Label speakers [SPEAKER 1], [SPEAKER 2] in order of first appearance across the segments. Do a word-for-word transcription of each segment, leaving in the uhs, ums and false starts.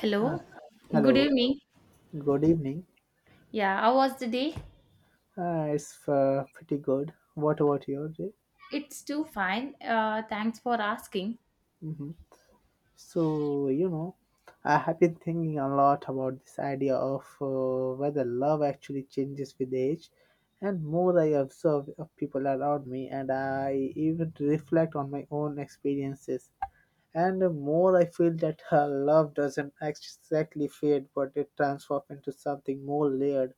[SPEAKER 1] Hello. Good
[SPEAKER 2] Hello,
[SPEAKER 1] evening.
[SPEAKER 2] good evening.
[SPEAKER 1] Yeah, how was the day?
[SPEAKER 2] Uh, it's uh, pretty good. What about your day?
[SPEAKER 1] It's too fine. Uh, thanks for asking.
[SPEAKER 2] hmm So, you know, I have been thinking a lot about this idea of uh, whether love actually changes with age. And more I observe of people around me, and I even reflect on my own experiences. And the more I feel that uh, love doesn't exactly fade, but it transforms into something more layered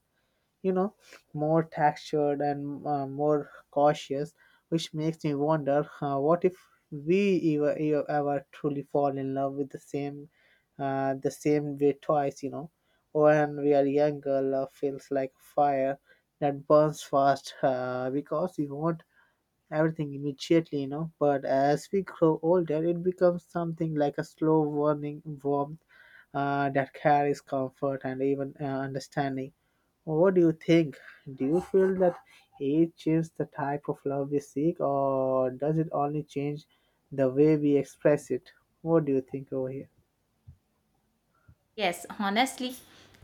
[SPEAKER 2] you know, more textured and uh, more cautious, which makes me wonder uh, what if we ever, ever ever truly fall in love with the same uh, the same way twice, you know. When we are younger, love feels like fire that burns fast uh, because we want everything immediately, you know. But as we grow older, it becomes something like a slow warming warmth uh, that carries comfort and even uh, understanding. What do you think? Do you feel that age changes the type of love we seek, or does it only change the way we express it? What do you think over here?
[SPEAKER 1] Yes, honestly,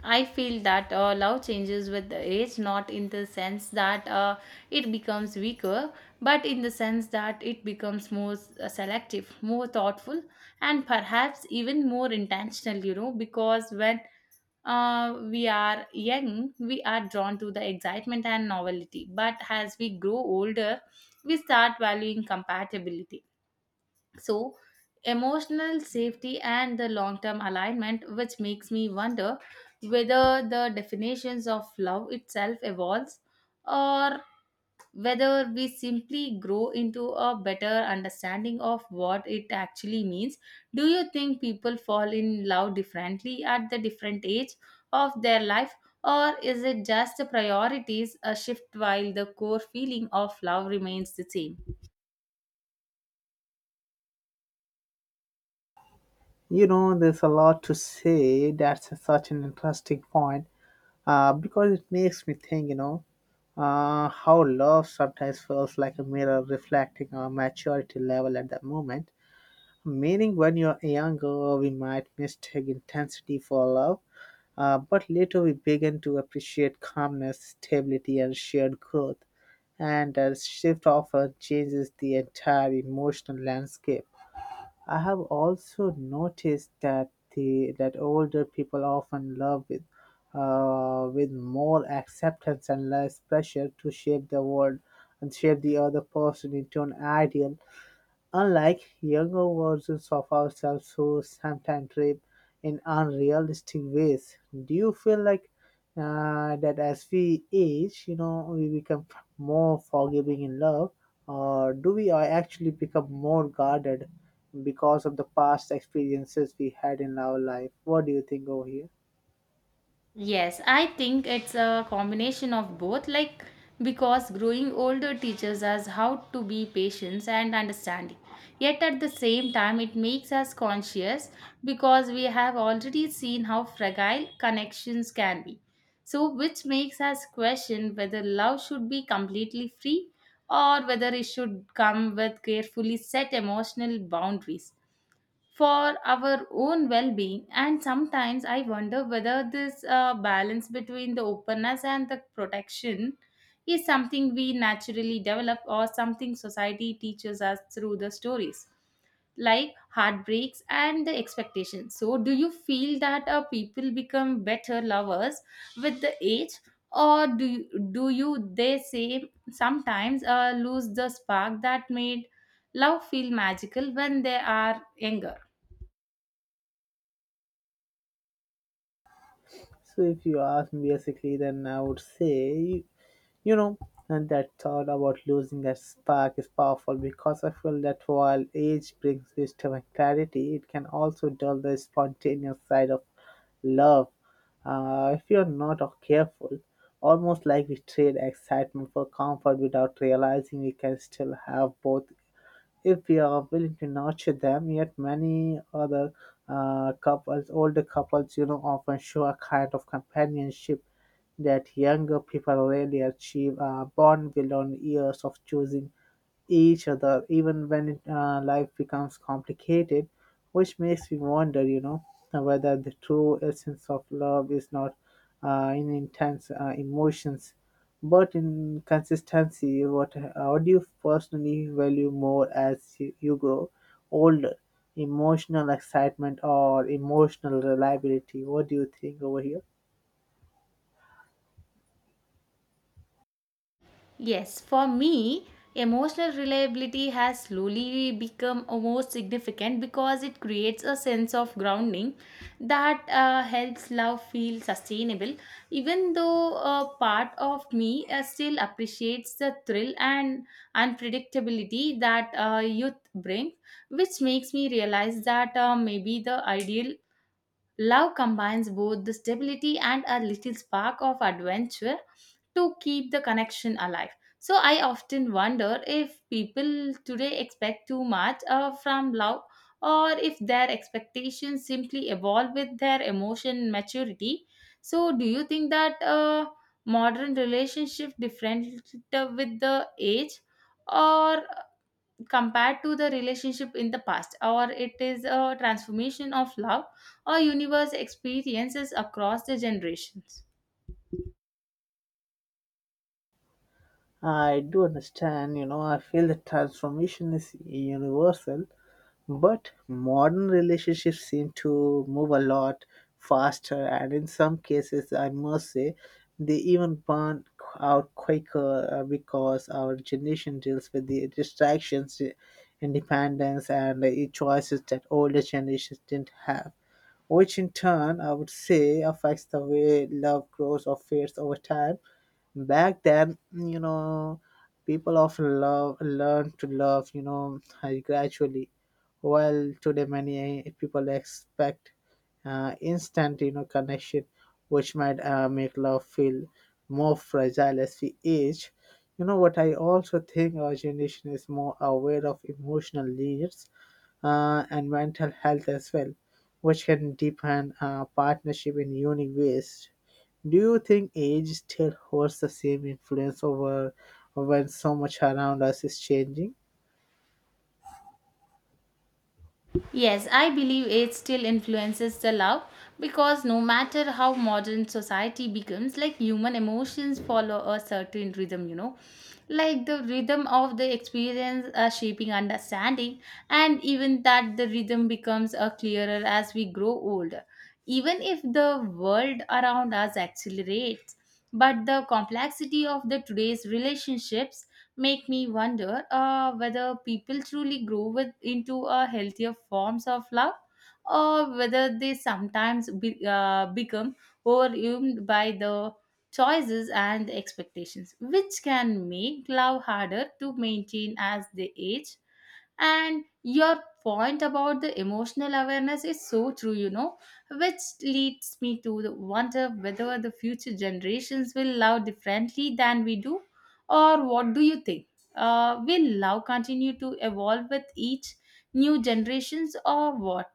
[SPEAKER 1] I feel that uh, love changes with the age, not in the sense that uh, it becomes weaker, but in the sense that it becomes more uh, selective, more thoughtful, and perhaps even more intentional, you know, because when uh, we are young, we are drawn to the excitement and novelty. But as we grow older, we start valuing compatibility, so, emotional safety and the long term alignment, which makes me wonder whether the definitions of love itself evolves or whether we simply grow into a better understanding of what it actually means. Do you think people fall in love differently at the different age of their life? Or is it just the priorities a shift while the core feeling of love remains the same?
[SPEAKER 2] You know, there's a lot to say. That's such an interesting point uh, because it makes me think, you know, uh, how love sometimes feels like a mirror reflecting our maturity level at that moment. Meaning, when you're younger, we might mistake intensity for love, uh, but later we begin to appreciate calmness, stability, and shared growth. And that shift often changes the entire emotional landscape. I have also noticed that the that older people often love with uh, with more acceptance and less pressure to shape the world and shape the other person into an ideal. Unlike younger versions of ourselves who sometimes trip in unrealistic ways, do you feel like uh, that as we age, you know, we become more forgiving in love, or do we a- actually become more guarded because of the past experiences we had in our life? What do you think over here?
[SPEAKER 1] Yes, I think it's a combination of both, like because growing older teaches us how to be patient and understanding. Yet at the same time, it makes us conscious because we have already seen how fragile connections can be. So, which makes us question whether love should be completely free or whether it should come with carefully set emotional boundaries for our own well being. And sometimes I wonder whether this uh, balance between the openness and the protection is something we naturally develop or something society teaches us through the stories like heartbreaks and the expectations. So, do you feel that uh, people become better lovers with the age? Or do you, do you they say sometimes uh, lose the spark that made love feel magical when they are younger?
[SPEAKER 2] So if you ask me basically, then I would say, you know, and that thought about losing that spark is powerful because I feel that while age brings wisdom and clarity, it can also dull the spontaneous side of love. Uh, if you're not careful, almost like we trade excitement for comfort without realizing we can still have both if we are willing to nurture them. Yet many other uh, couples, older couples, you know, often show a kind of companionship that younger people rarely achieve, uh, born beyond years of choosing each other, even when it, uh, life becomes complicated, which makes me wonder, you know, whether the true essence of love is not uh, in intense uh, emotions but in consistency. what what do you personally value more as you you grow older? Emotional excitement or emotional reliability? What do you think over here?
[SPEAKER 1] Yes, for me, emotional reliability has slowly become almost significant because it creates a sense of grounding that uh, helps love feel sustainable, even though a part of me uh, still appreciates the thrill and unpredictability that uh, youth brings, which makes me realize that uh, maybe the ideal love combines both the stability and a little spark of adventure to keep the connection alive. So I often wonder if people today expect too much uh, from love or if their expectations simply evolve with their emotion maturity. So do you think that uh, modern relationship different uh, with the age, or compared to the relationship in the past, or it is a transformation of love or universe experiences across the generations?
[SPEAKER 2] I do understand, you know, I feel the transformation is universal. But modern relationships seem to move a lot faster, and in some cases, I must say, they even burn out quicker uh, because our generation deals with the distractions, the independence, and the choices that older generations didn't have, which in turn I would say affects the way love grows or fades over time. Back then, you know, people often love learn to love, you know, uh, gradually, while today many eh, people expect uh, instant, you know, connection, which might uh, make love feel more fragile as we age. You know what? I also think our generation is more aware of emotional needs uh, and mental health as well, which can deepen uh, partnership in unique ways. Do you think age still holds the same influence over when so much around us is changing?
[SPEAKER 1] Yes, I believe it still influences the love because no matter how modern society becomes, like human emotions follow a certain rhythm, you know. Like the rhythm of the experience are shaping understanding, and even that the rhythm becomes a clearer as we grow older. Even if the world around us accelerates, but the complexity of the today's relationships make me wonder uh, whether people truly grow with, into a healthier forms of love, or whether they sometimes be, uh, become overwhelmed by the choices and expectations which can make love harder to maintain as they age. And your point about the emotional awareness is so true, you know, which leads me to the wonder whether the future generations will love differently than we do, or what do you think? Uh, will love continue to evolve with each new generations, or what?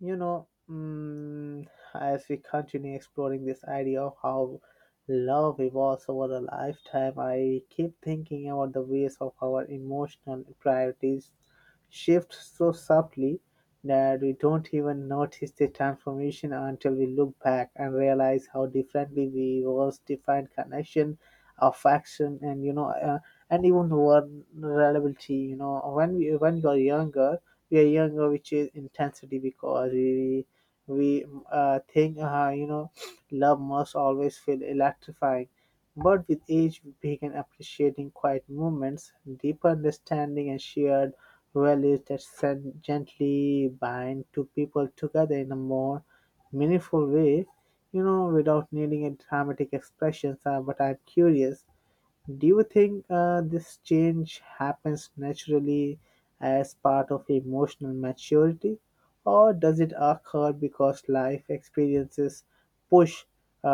[SPEAKER 2] You know, mm, as we continue exploring this idea of how love evolves over a lifetime, I keep thinking about the ways of our emotional priorities shift so subtly that we don't even notice the transformation until we look back and realize how differently we once defined connection, affection, and you know, uh, and even vulnerability. You know, when we when you're younger we are younger which is intensity because we we uh, think uh, you know love must always feel electrifying, but with age we begin appreciating quiet moments, deeper understanding and shared values that sen- gently bind two people together in a more meaningful way, you know, without needing a dramatic expression. Uh, but I'm curious, do you think uh, this change happens naturally as part of emotional maturity, or does it occur because life experiences push uh,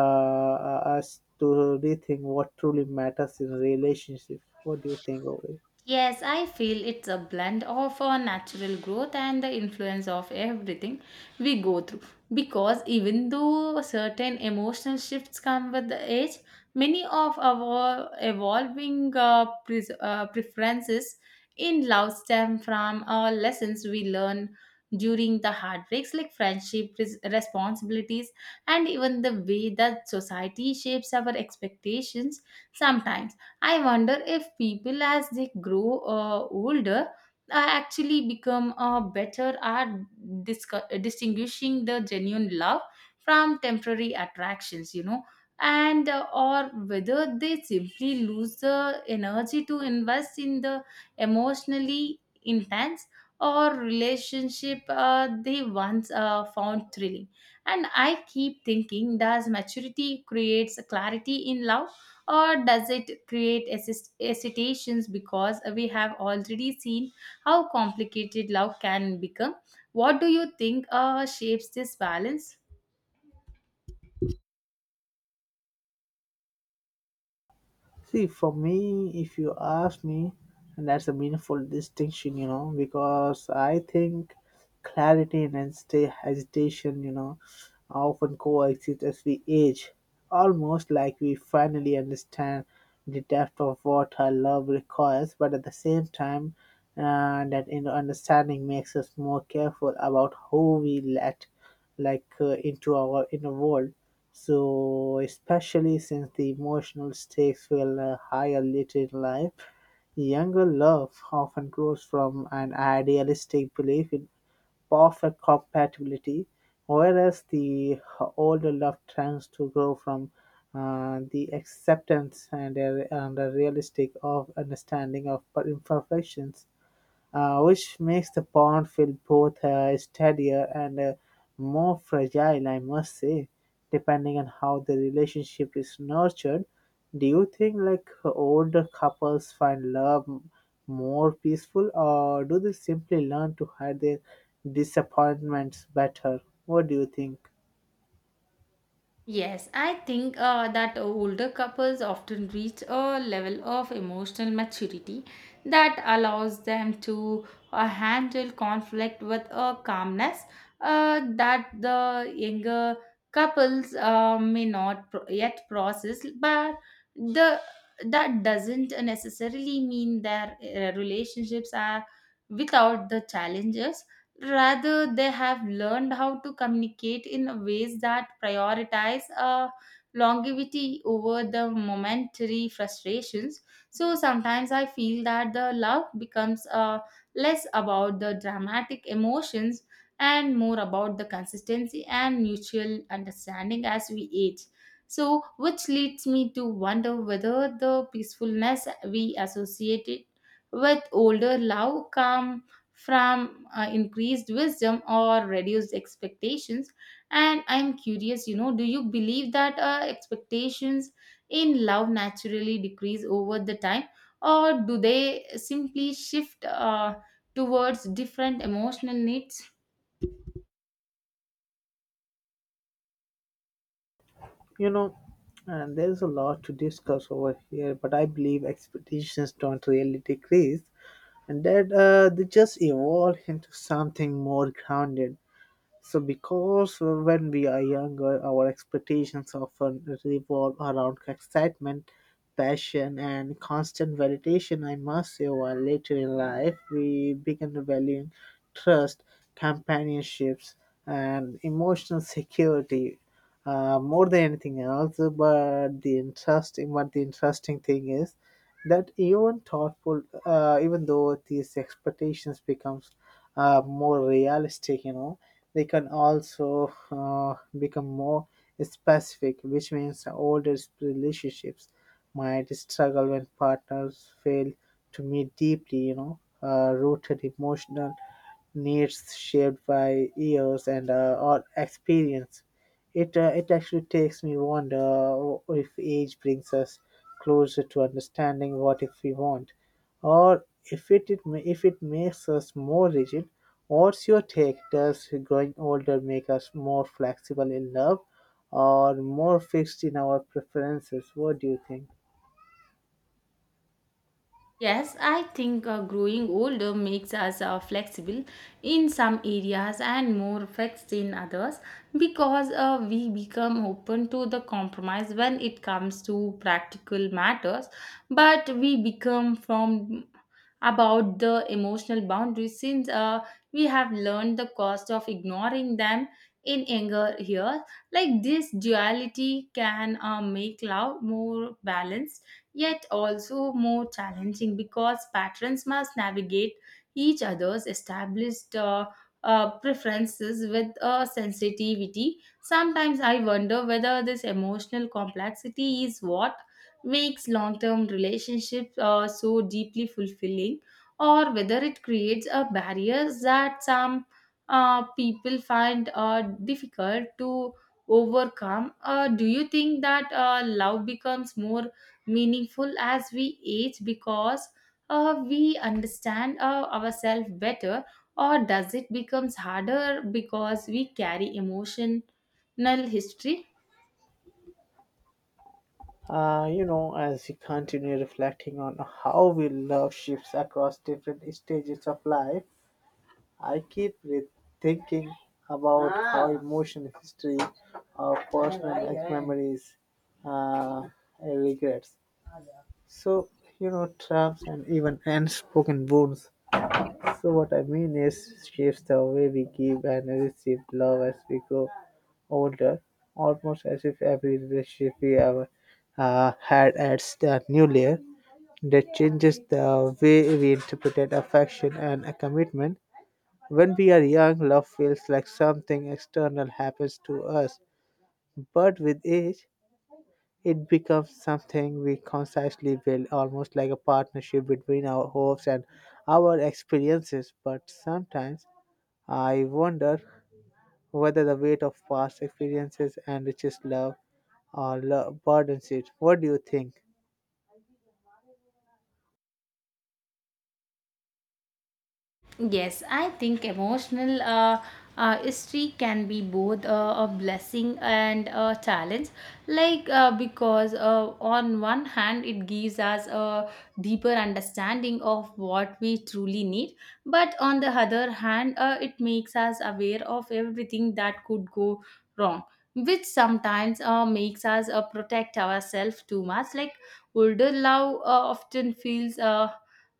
[SPEAKER 2] uh, us to rethink what truly matters in relationships? What do you think of it?
[SPEAKER 1] Yes, I feel it's a blend of our natural growth and the influence of everything we go through. Because even though certain emotional shifts come with the age, many of our evolving uh, pres uh, preferences in love stem from our lessons we learn during the heartbreaks, like friendship, res- responsibilities, and even the way that society shapes our expectations. Sometimes I wonder if people, as they grow uh, older, uh, actually become uh, better at discu- distinguishing the genuine love from temporary attractions, you know, and uh, or whether they simply lose the energy to invest in the emotionally intense or relationship uh, they once uh, found thrilling. And I keep thinking, does maturity creates clarity in love, or does it create assist- hesitations because we have already seen how complicated love can become? What do you think uh, shapes this balance?
[SPEAKER 2] See, for me, if you ask me, and that's a meaningful distinction, you know, because I think clarity and hesita- hesitation, you know, often coexist as we age, almost like we finally understand the depth of what our love requires, but at the same time, uh, that you know, understanding makes us more careful about who we let like uh, into our inner world, so especially since the emotional stakes will uh, higher later in life. Younger love often grows from an idealistic belief in perfect compatibility, whereas the older love tends to grow from uh, the acceptance and a, and a realistic of understanding of imperfections, uh, which makes the pond feel both uh, steadier and uh, more fragile, I must say, depending on how the relationship is nurtured. Do you think like older couples find love m- more peaceful, or do they simply learn to hide their disappointments better? What do you think?
[SPEAKER 1] Yes, I think uh, that older couples often reach a level of emotional maturity that allows them to uh, handle conflict with a calmness uh, that the younger couples uh, may not pro- yet process, but the that doesn't necessarily mean their uh, relationships are without the challenges. Rather, they have learned how to communicate in ways that prioritize uh, longevity over the momentary frustrations. So sometimes I feel that the love becomes uh, less about the dramatic emotions and more about the consistency and mutual understanding as we age. So, which leads me to wonder whether the peacefulness we associated with older love come from uh, increased wisdom or reduced expectations. And I'm curious, you know, do you believe that uh, expectations in love naturally decrease over the time, or do they simply shift uh, towards different emotional needs?
[SPEAKER 2] You know, and there's a lot to discuss over here, but I believe expectations don't really decrease, and that uh, they just evolved into something more grounded, so, because when we are younger, our expectations often revolve around excitement, passion, and constant validation, I must say, while later in life we begin valuing trust, companionships, and emotional security uh, more than anything else. But the interesting, but the interesting thing is that even thoughtful, uh, even though these expectations becomes uh, more realistic, you know, they can also uh, become more specific, which means older relationships might struggle when partners fail to meet deeply, you know, uh, rooted emotional needs shaped by years and uh, or experience. It uh, it actually takes me wonder uh, if age brings us closer to understanding what if we want, or if it, it ma- if it makes us more rigid. What's your take? Does growing older make us more flexible in love or more fixed in our preferences? What do you think?
[SPEAKER 1] Yes, I think uh, growing older makes us uh, flexible in some areas and more fixed in others because uh, we become open to the compromise when it comes to practical matters, but we become from about the emotional boundaries since uh, we have learned the cost of ignoring them in anger here. Like this duality can uh, make love more balanced yet also more challenging because patrons must navigate each other's established uh, uh, preferences with a sensitivity. Sometimes I wonder whether this emotional complexity is what makes long term relationships uh, so deeply fulfilling, or whether it creates a barriers that some uh, people find uh, difficult to overcome. Uh, do you think that uh, love becomes more meaningful as we age because uh, we understand uh, ourselves better, or does it becomes harder because we carry emotional history?
[SPEAKER 2] Uh, you know, as we continue reflecting on how we love shifts across different stages of life, I keep re- thinking about how emotional history or personal like, memories uh, and regrets, so, you know, traps and even unspoken wounds. So, what I mean is, shapes the way we give and receive love as we grow older, almost as if every relationship we ever uh, had adds a new layer that changes the way we interpret affection and a commitment. When we are young, love feels like something external happens to us, but with age, it becomes something we consciously build, almost like a partnership between our hopes and our experiences. But sometimes I wonder whether the weight of past experiences enriches love or love burdens it. What do you think?
[SPEAKER 1] Yes, I think emotional uh, uh, history can be both uh, a blessing and a challenge. Like, uh, because uh, on one hand, it gives us a deeper understanding of what we truly need, but on the other hand, uh, it makes us aware of everything that could go wrong, which sometimes uh, makes us uh, protect ourselves too much. Like older love uh, often feels uh,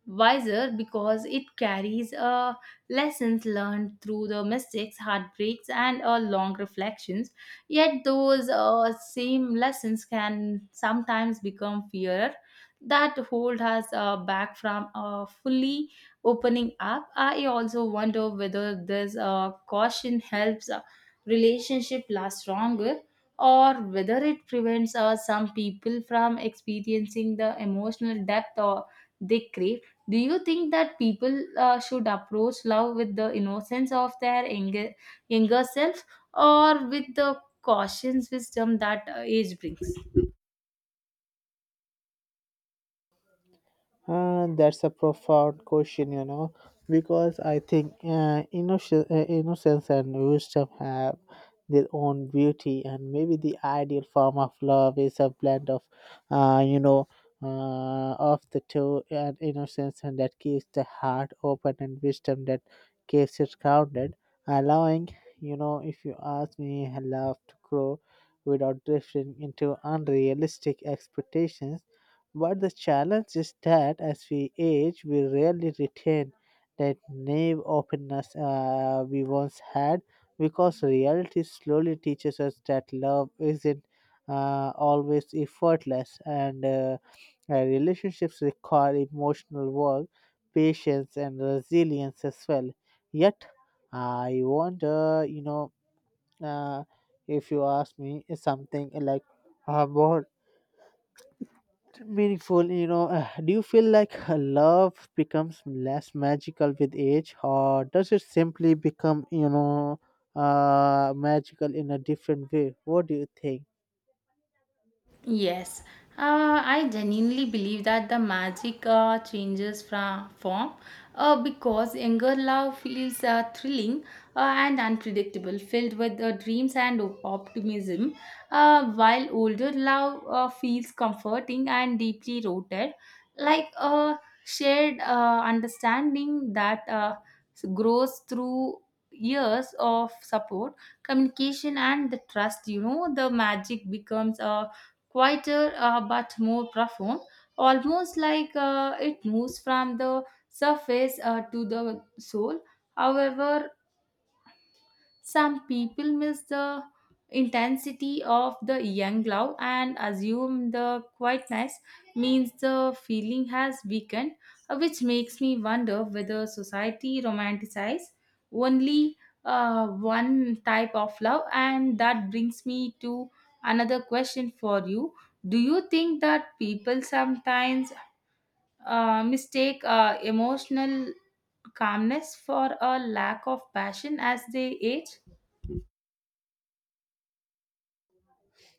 [SPEAKER 1] wiser because it carries uh, lessons learned through the mistakes, heartbreaks, and uh, long reflections. Yet, those uh, same lessons can sometimes become fear that hold us uh, back from uh, fully opening up. I also wonder whether this uh, caution helps a relationship last longer, or whether it prevents uh, some people from experiencing the emotional depth or they crave. Do you think that people uh, should approach love with the innocence of their younger, younger self, or with the cautious wisdom that uh, age brings?
[SPEAKER 2] Uh, that's a profound question, you know, because I think uh, innocence, uh, innocence and wisdom have their own beauty, and maybe the ideal form of love is a blend of, uh, you know, uh, of the two, and innocence and that keeps the heart open, and wisdom that keeps it grounded, allowing, you know, if you ask me, love to grow without drifting into unrealistic expectations, but the challenge is that as we age, we rarely retain that naive openness uh, we once had because reality slowly teaches us that love isn't uh, always effortless and uh, uh, relationships require emotional work, patience, and resilience as well. Yet, I wonder, you know, uh, if you ask me something like, uh, more meaningful, you know, uh, do you feel like uh, love becomes less magical with age, or does it simply become, you know, uh magical in a different way? What do you think?
[SPEAKER 1] Yes, uh, I genuinely believe that the magic uh, changes from form uh, because younger love feels uh, thrilling uh, and unpredictable, filled with uh, dreams and op- optimism, uh, while older love uh, feels comforting and deeply rooted, like a shared uh, understanding that uh, grows through years of support, communication, and the trust. You know, the magic becomes a quieter uh, but more profound, almost like uh, it moves from the surface uh, to the soul. However, some people miss the intensity of the young love and assume the quietness means the feeling has weakened, uh, which makes me wonder whether society romanticizes only uh, one type of love. And that brings me to another question for you. Do you think that people sometimes uh, mistake uh, emotional calmness for a lack of passion as they age?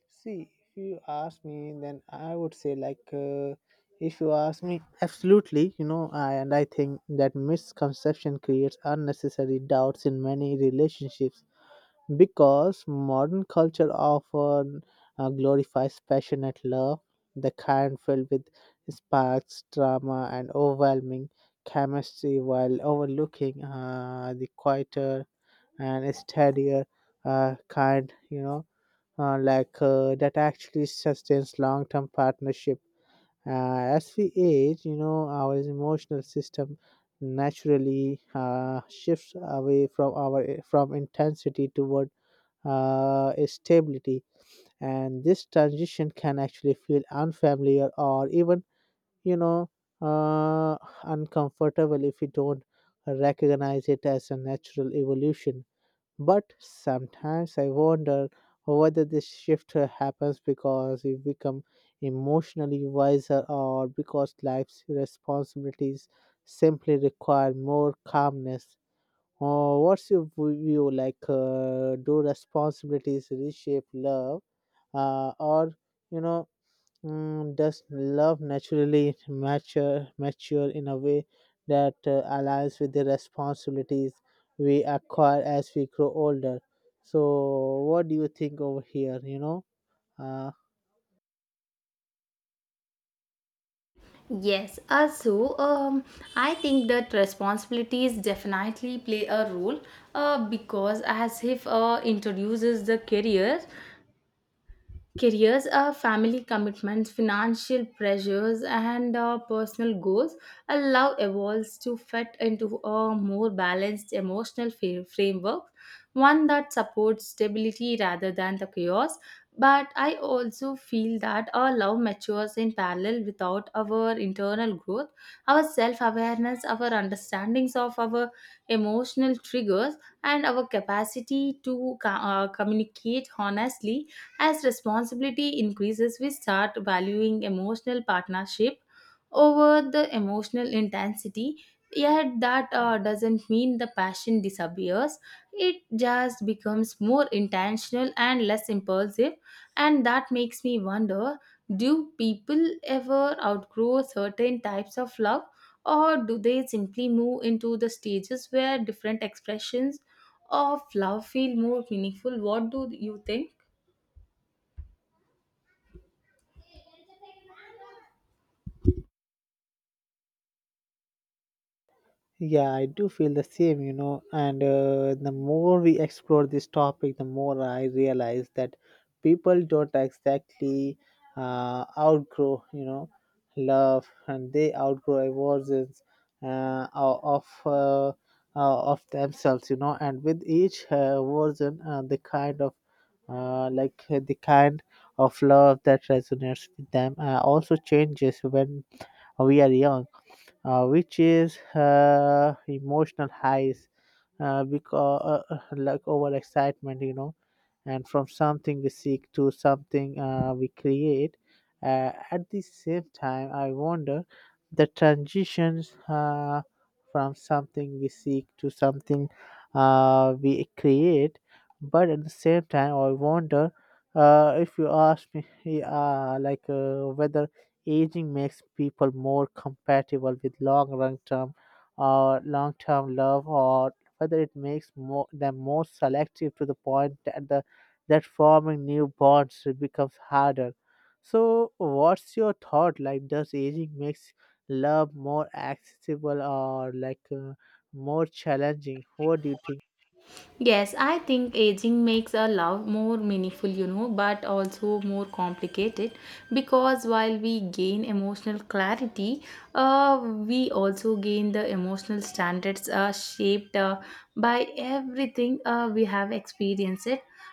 [SPEAKER 2] See, if you ask me, then I would say like, uh, if you ask me, absolutely, you know, I and I think that misconception creates unnecessary doubts in many relationships because modern culture often uh, glorifies passionate love, the kind filled with sparks, drama, and overwhelming chemistry, while overlooking uh, the quieter and steadier uh, kind, you know, uh, like uh, that actually sustains long term partnership. Uh, as we age, you know, our emotional system naturally uh, shifts away from our from intensity toward uh, stability, and this transition can actually feel unfamiliar or even you know uh, uncomfortable if you don't recognize it as a natural evolution. But sometimes I wonder whether this shift uh, happens because we become emotionally wiser or because life's responsibilities simply require more calmness. Uh, what's your view like? Uh, do responsibilities reshape love, uh, or you know, mm, does love naturally mature mature in a way that uh, aligns with the responsibilities we acquire as we grow older? So, what do you think over here? You know, uh,
[SPEAKER 1] Yes, also, um, I think that responsibilities definitely play a role uh, because as if uh, introduces the career. Careers are family commitments, financial pressures, and uh, personal goals. A love evolves to fit into a more balanced emotional fa- framework, one that supports stability rather than the chaos. But I also feel that our love matures in parallel without our internal growth, our self awareness, our understandings of our emotional triggers, and our capacity to co- uh, communicate honestly as responsibility increases. We start valuing emotional partnership over the emotional intensity. Yet, that uh, doesn't mean the passion disappears. It just becomes more intentional and less impulsive. And that makes me wonder, do people ever outgrow certain types of love, or do they simply move into the stages where different expressions of love feel more meaningful? What do you think?
[SPEAKER 2] Yeah, I do feel the same, you know. And uh, the more we explore this topic, the more I realize that people don't exactly uh, outgrow, you know, love, and they outgrow versions uh, o- of uh, uh, of themselves, you know. And with each uh, version, uh, the kind of uh, like uh, the kind of love that resonates with them uh, also changes. When we are young, uh, which is uh, emotional highs, uh, because uh, uh, like over excitement, you know, and from something we seek to something uh, we create. Uh, at the same time, I wonder the transitions uh, from something we seek to something uh, we create, but at the same time, I wonder, uh, if you ask me, uh, like uh, whether aging makes people more compatible with long run term or long term love, or whether it makes more, them more selective to the point that the that forming new bonds becomes harder. So, what's your thought? Like, does aging makes love more accessible or like uh, more challenging? What do you think?
[SPEAKER 1] Yes, I think aging makes a love more meaningful, you know, but also more complicated because while we gain emotional clarity, uh, we also gain the emotional standards uh, shaped uh, by everything uh, we have experienced,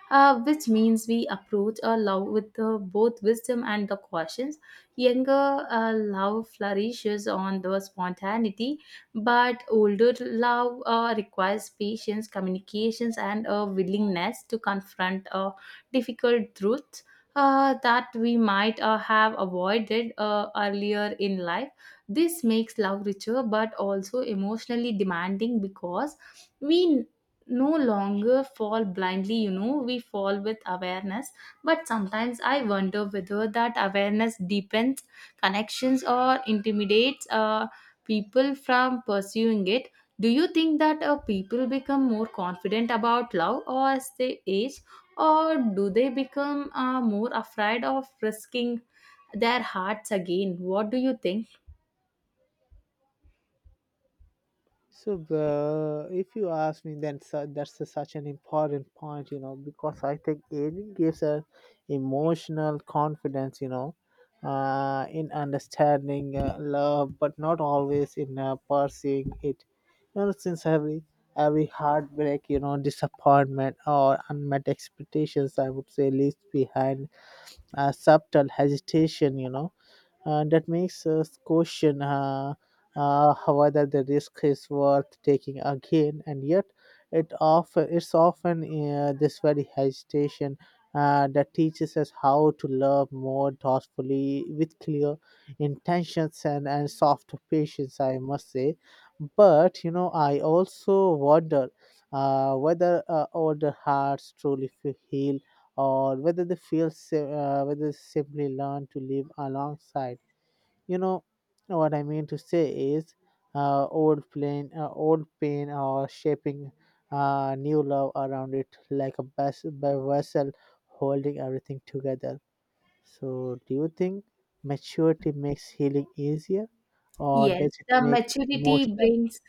[SPEAKER 1] uh, which means we approach a love with uh, both wisdom and the cautions. Younger uh, love flourishes on the spontaneity, but older love uh, requires patience, communications, and a willingness to confront uh, difficult truths uh, that we might uh, have avoided uh, earlier in life. This makes love richer but also emotionally demanding because we no longer fall blindly, you know, we fall with awareness. But sometimes I wonder whether that awareness deepens connections or intimidates Uh, people from pursuing it. Do you think that uh, people become more confident about love or as they age, or do they become uh, more afraid of risking their hearts again? What do you think?
[SPEAKER 2] So, uh, if you ask me, then su- that's a- such an important point, you know, because I think aging gives a emotional confidence, you know, uh, in understanding uh, love, but not always in uh, pursuing it. You know, since every every heartbreak, you know, disappointment or unmet expectations, I would say, leaves behind a subtle hesitation, you know, uh, that makes us question uh, uh, whether the risk is worth taking again, and yet it often it's often uh, this very hesitation uh, that teaches us how to love more thoughtfully with clear intentions and, and soft patience, I must say. But you know, I also wonder uh, whether uh, older hearts truly feel heal, or whether they feel si- uh, whether they simply learn to live alongside, you know. What I mean to say is, uh, old pain uh, old pain or shaping uh, new love around it like a bas- vessel holding everything together. So do you think maturity makes healing easier, or
[SPEAKER 1] Yes,
[SPEAKER 2] does it
[SPEAKER 1] the
[SPEAKER 2] make it
[SPEAKER 1] maturity
[SPEAKER 2] emotional?
[SPEAKER 1] brings,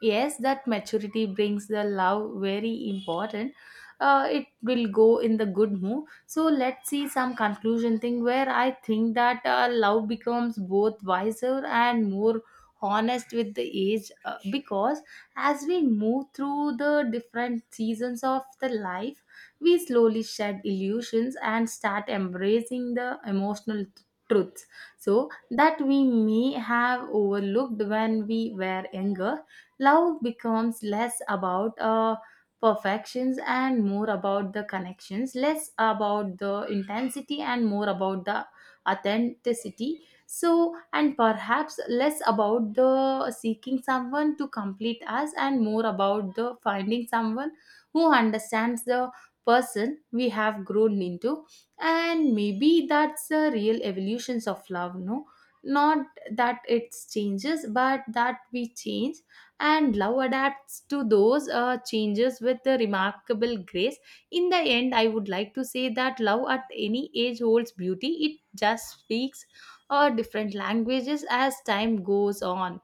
[SPEAKER 1] yes, that maturity brings the love very important. Uh, it will go in the good mood. So let's see some conclusion thing where I think that uh, love becomes both wiser and more honest with the age uh, because as we move through the different seasons of the life, we slowly shed illusions and start embracing the emotional t- truths. So that we may have overlooked when we were younger. Love becomes less about uh, perfections and more about the connections, less about the intensity and more about the authenticity. So, and perhaps less about the seeking someone to complete us and more about the finding someone who understands the person we have grown into. And maybe that's the real evolutions of love. No, not that it changes, but that we change, and love adapts to those uh, changes with a remarkable grace. In the end, I would like to say that love at any age holds beauty. It just speaks uh, different languages as time goes on.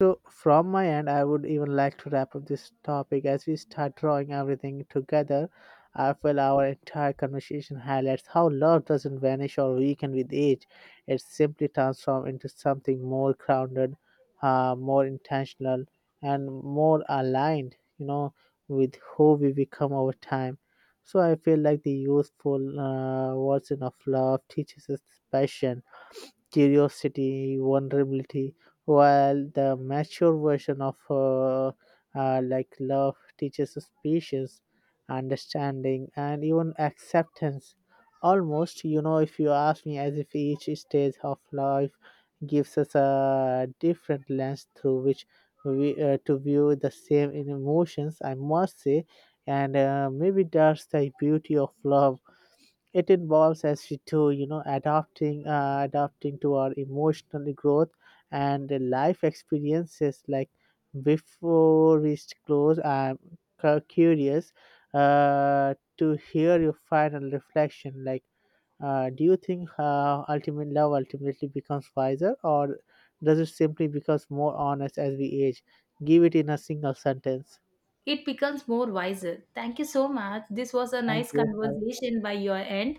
[SPEAKER 2] So, from my end, I would even like to wrap up this topic. As we start drawing everything together, I feel our entire conversation highlights how love doesn't vanish or weaken with age. It simply transforms into something more grounded, uh, more intentional, and more aligned, you know, with who we become over time. So, I feel like the youthful uh, version of love teaches us passion, curiosity, vulnerability, while the mature version of uh, uh, like love teaches us patience, understanding, and even acceptance. Almost, you know, if you ask me, as if each stage of life gives us a different lens through which we uh, to view the same emotions, I must say. And uh, maybe that's the beauty of love. It involves as us to, you know, adapting uh, adapting to our emotional growth and the life experiences. Like, before we close, I'm cu- curious uh, to hear your final reflection. Like, uh, do you think uh, ultimate love ultimately becomes wiser, or does it simply becomes more honest as we age? Give it in a single sentence.
[SPEAKER 1] It becomes more wiser. Thank you so much, this was a
[SPEAKER 2] Thank
[SPEAKER 1] nice
[SPEAKER 2] you. Have
[SPEAKER 1] conversation by your end.